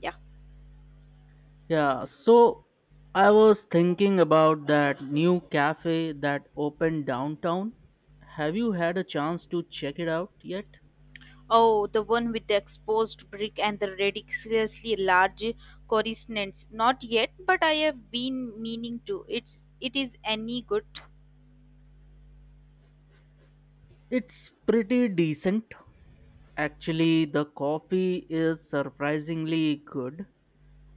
Yeah. Yeah, so I was thinking about that new cafe that opened downtown. Have you had a chance to check it out yet? Oh, the one with the exposed brick and the ridiculously large coruscants. Not yet, but I have been meaning to. It is any good. It's pretty decent. Actually, the coffee is surprisingly good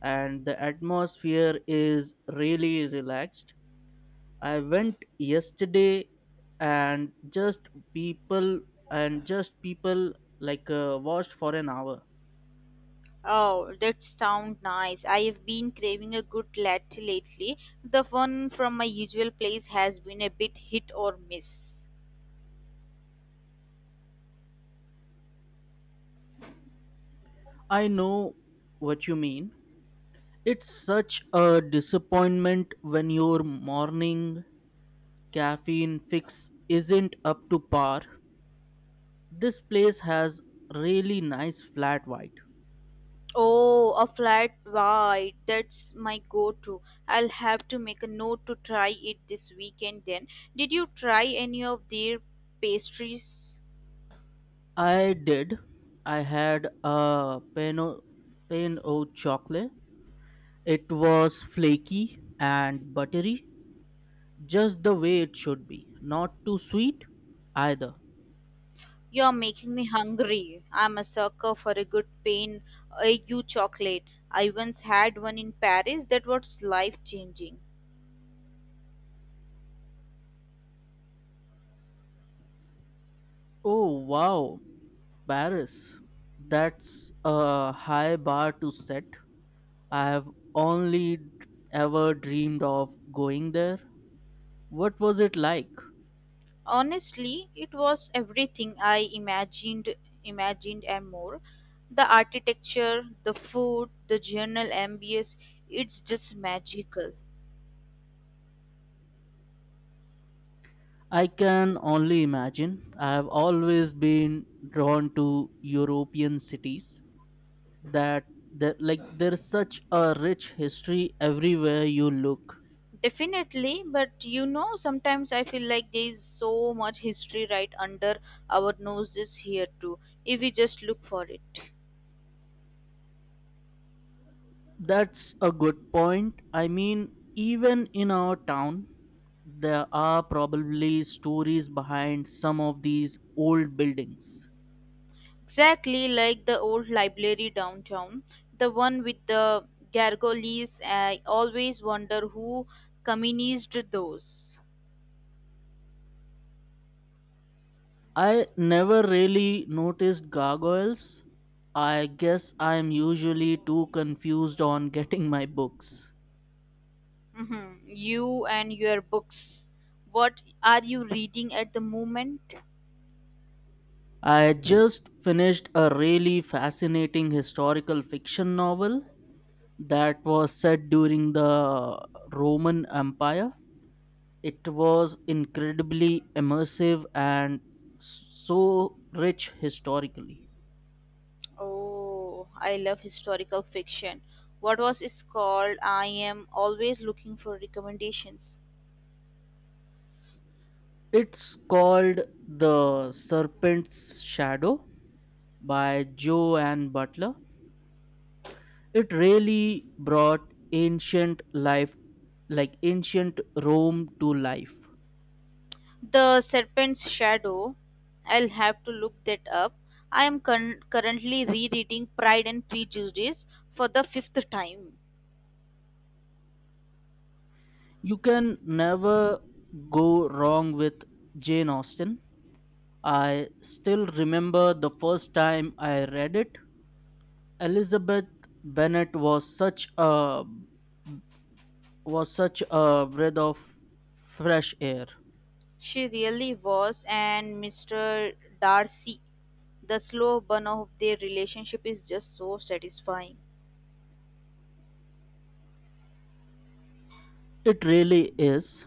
and the atmosphere is really relaxed. I went yesterday and just people and just people watched for an hour. Oh, that sounds nice. I have been craving a good latte lately. The one from my usual place has been a bit hit or miss. I know what you mean. It's such a disappointment when your morning caffeine fix isn't up to par. This place has really nice flat white. Oh, a flat white. That's my go-to. I'll have to make a note to try it this weekend then. Did you try any of their pastries? I did. I had a pan o chocolate. It was flaky and buttery, just the way it should be. Not too sweet either. You're making me hungry. I'm a sucker for a good pain AU chocolate. I once had one in Paris that was life changing. Oh wow, Paris. That's a high bar to set. I've only d- ever dreamed of going there. What was it like? Honestly, it was everything I imagined and more. The architecture, the food, the general ambience, it's just magical. I can only imagine. I've always been drawn to European cities that that there's such a rich history everywhere you look. Definitely, but you know, sometimes I feel like there is so much history right under our noses here too, if we just look for it. That's a good point. I mean, even in our town, there are probably stories behind some of these old buildings. Exactly, like the old library downtown, the one with the gargoyles. I always wonder who communized those. I never really noticed gargoyles. I guess I'm usually too confused on getting my books. Mhm. You and your books. What are you reading at the moment? I just finished a really fascinating historical fiction novel that was set during the Roman Empire. It was incredibly immersive and so rich historically. Oh, I love historical fiction. What was it called? I am always looking for recommendations. It's called The Serpent's Shadow by Joanne Butler. It really brought ancient life, like ancient Rome, to life. The Serpent's Shadow. I'll have to look that up. I am currently rereading Pride and Prejudice for the fifth time. You can never go wrong with Jane Austen. I still remember the first time I read it. Elizabeth Bennet was such a breath of fresh air. She really was, and Mr. Darcy. The slow burn of their relationship is just so satisfying. It really is.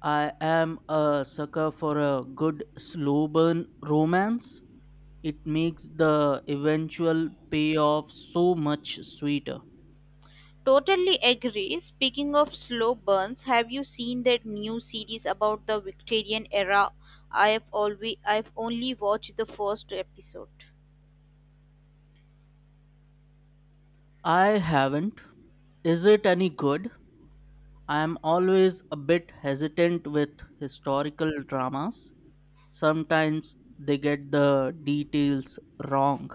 I am a sucker for a good slow burn romance. It makes the eventual payoff so much sweeter. Totally agree. Speaking of slow burns, have you seen that new series about the Victorian era? I have always I've only watched the first episode. I haven't. Is it any good? I am always a bit hesitant with historical dramas. Sometimes they get the details wrong.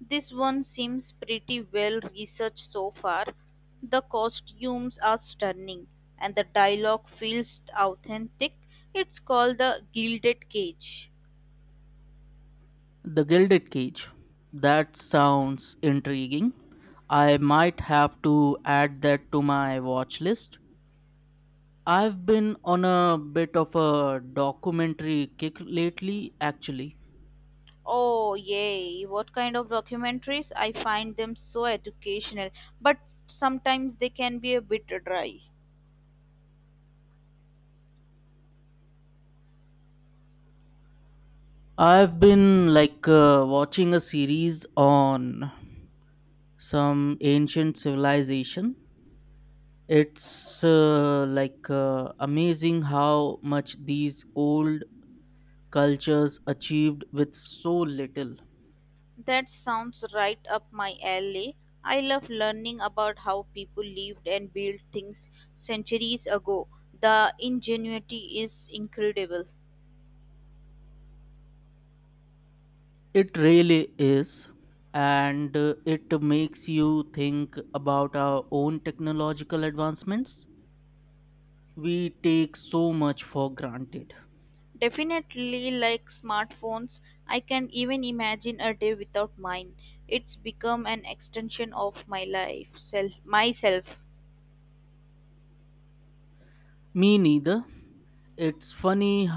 This one seems pretty well researched so far. The costumes are stunning and the dialogue feels authentic. It's called The Gilded Cage. The Gilded Cage. That sounds intriguing. I might have to add that to my watch list. I've been on a bit of a documentary kick lately, actually. Oh, yay! What kind of documentaries? I find them so educational, but sometimes they can be a bit dry. I've been watching a series on some ancient civilization. It's amazing how much these old cultures achieved with so little. That sounds right up my alley. I love learning about how people lived and built things centuries ago. The ingenuity is incredible. It really is. And it makes you think about our own technological advancements. We take so much for granted. Definitely, like smartphones, I can even imagine a day without mine. It's become an extension of my myself. Me neither. It's funny h-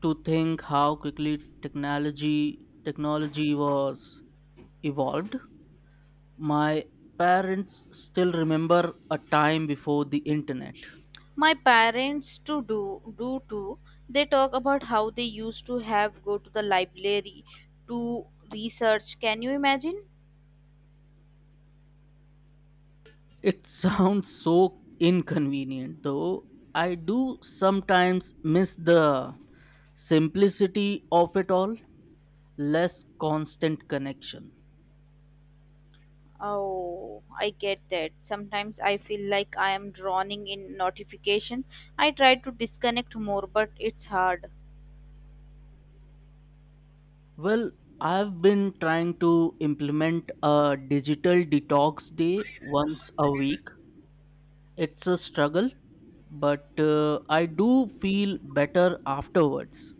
to think how quickly technology was evolved. My parents still remember a time before the internet. My parents to do do too. They talk about how they used to have go to the library to research. Can you imagine? It sounds so inconvenient though. I do sometimes miss the simplicity of it all, less constant connection. Oh, I get that. Sometimes I feel like I am drowning in notifications. I try to disconnect more, but it's hard. Well, I've been trying to implement a digital detox day once a week. It's a struggle, but I do feel better afterwards.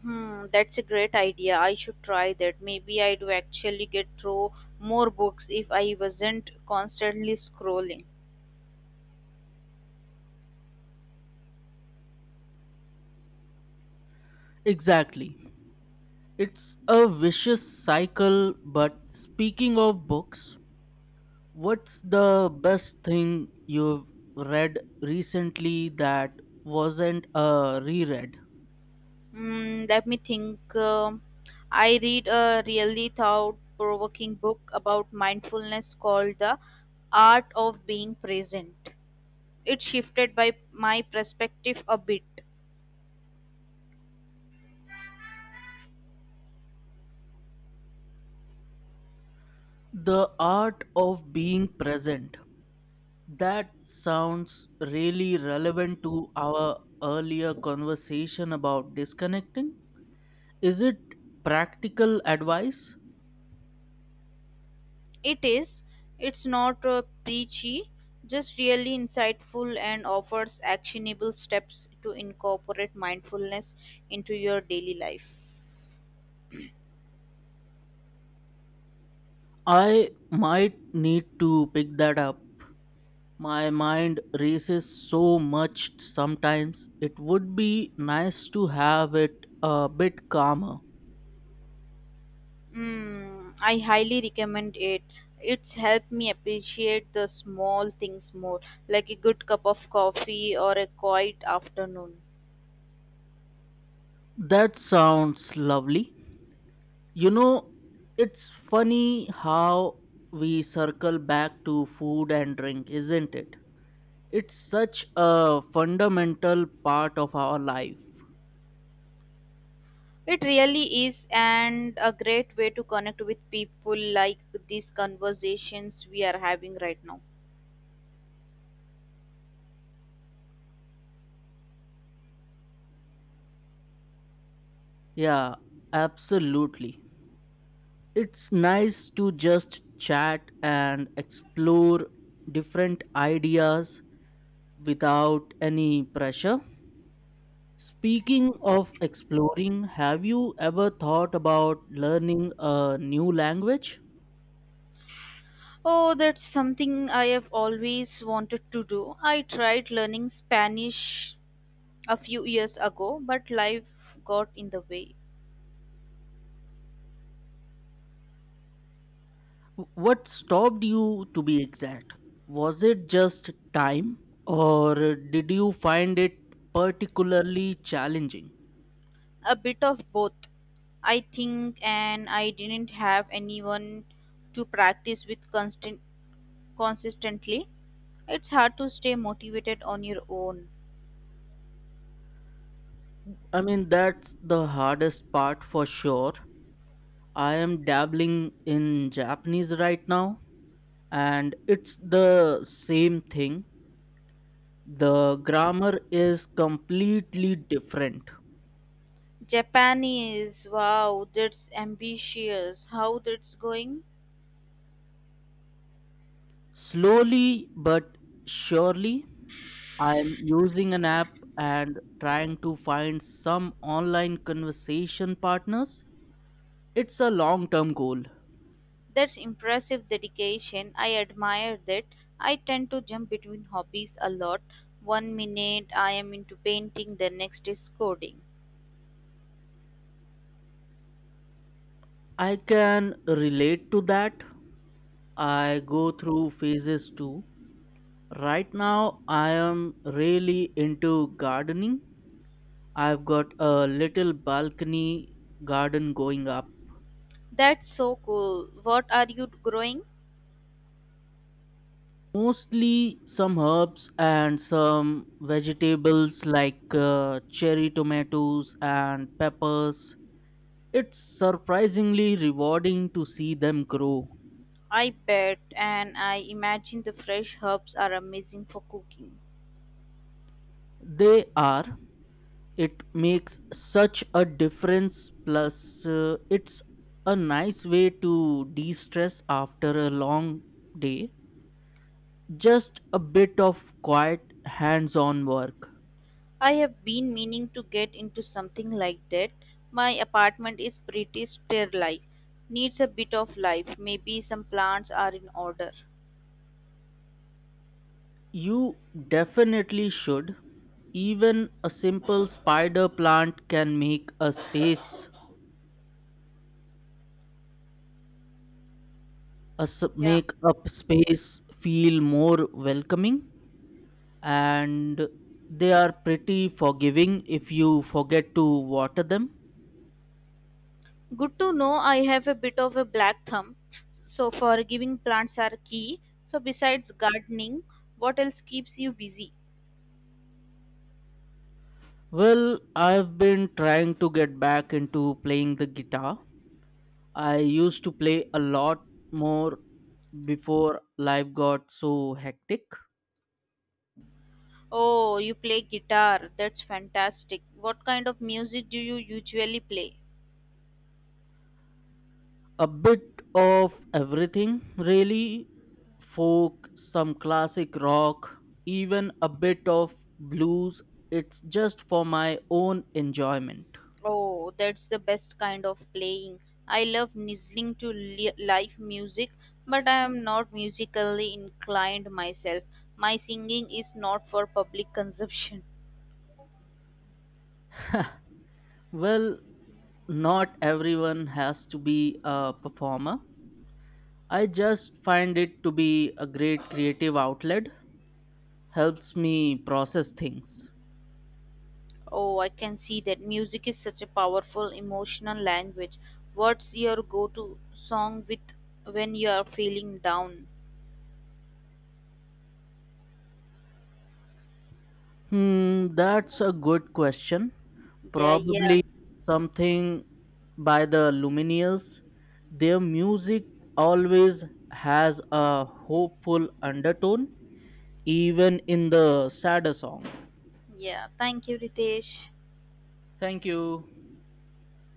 Hmm, that's a great idea. I should try that. Maybe I'd actually get through more books if I wasn't constantly scrolling. Exactly. It's a vicious cycle, but speaking of books, what's the best thing you've read recently that wasn't a reread? Hmm, let me think. I read a really thought provoking book about mindfulness called The Art of Being Present. It shifted by my perspective a bit. The Art of Being Present. That sounds really relevant to our earlier conversation about disconnecting. Is it practical advice? It is. It's not preachy, just really insightful and offers actionable steps to incorporate mindfulness into your daily life. I might need to pick that up. My mind races so much sometimes. It would be nice to have it a bit calmer. Mm, I highly recommend it. It's helped me appreciate the small things more, like a good cup of coffee or a quiet afternoon. That sounds lovely. You know, it's funny how we circle back to food and drink, isn't it? It's such a fundamental part of our life. It really is, and a great way to connect with people like these conversations we are having right now. Yeah, absolutely. It's nice to just chat and explore different ideas without any pressure. Speaking of exploring, have you ever thought about learning a new language? Oh, that's something I have always wanted to do. I tried learning Spanish a few years ago, but life got in the way. What stopped you to be exact? Was it just time or did you find it particularly challenging? A bit of both, I think, and I didn't have anyone to practice with constant consistently. It's hard to stay motivated on your own. I mean, that's the hardest part for sure. I am dabbling in Japanese right now, and it's the same thing. The grammar is completely different. Japanese, wow, that's ambitious. How that's going? Slowly but surely, I am using an app and trying to find some online conversation partners. It's a long term goal. That's impressive dedication. I admire that. I tend to jump between hobbies a lot. One minute I am into painting, the next is coding. I can relate to that. I go through phases too. Right now, I am really into gardening. I've got a little balcony garden going up. That's so cool. What are you growing? Mostly some herbs and some vegetables like cherry tomatoes and peppers. It's surprisingly rewarding to see them grow. I bet, and I imagine the fresh herbs are amazing for cooking. They are. It makes such a difference, plus, it's a nice way to de stress after a long day. Just a bit of quiet, hands on work. I have been meaning to get into something like that. My apartment is pretty sterile, needs a bit of life. Maybe some plants are in order. You definitely should. Even a simple spider plant can make a Yeah. make up space feel more welcoming, and they are pretty forgiving if you forget to water them. Good to know, I have a bit of a black thumb, so for giving plants are key. So besides gardening, what else keeps you busy? Well, I've been trying to get back into playing the guitar. I used to play a lot more before life got so hectic. Oh, you play guitar? That's fantastic. What kind of music do you usually play? A bit of everything, really. Folk, some classic rock, even a bit of blues. It's just for my own enjoyment. Oh, that's the best kind of playing. I love listening to live music, but I am not musically inclined myself. My singing is not for public consumption. Well, not everyone has to be a performer. I just find it to be a great creative outlet. Helps me process things. Oh, I can see that. Music is such a powerful emotional language. What's your go-to song with when you are feeling down? Hmm, that's a good question. Yeah, yeah, Probably something by the Lumineers. Their music always has a hopeful undertone, even in the sadder song. yeah. Thank you, Ritesh. Thank you.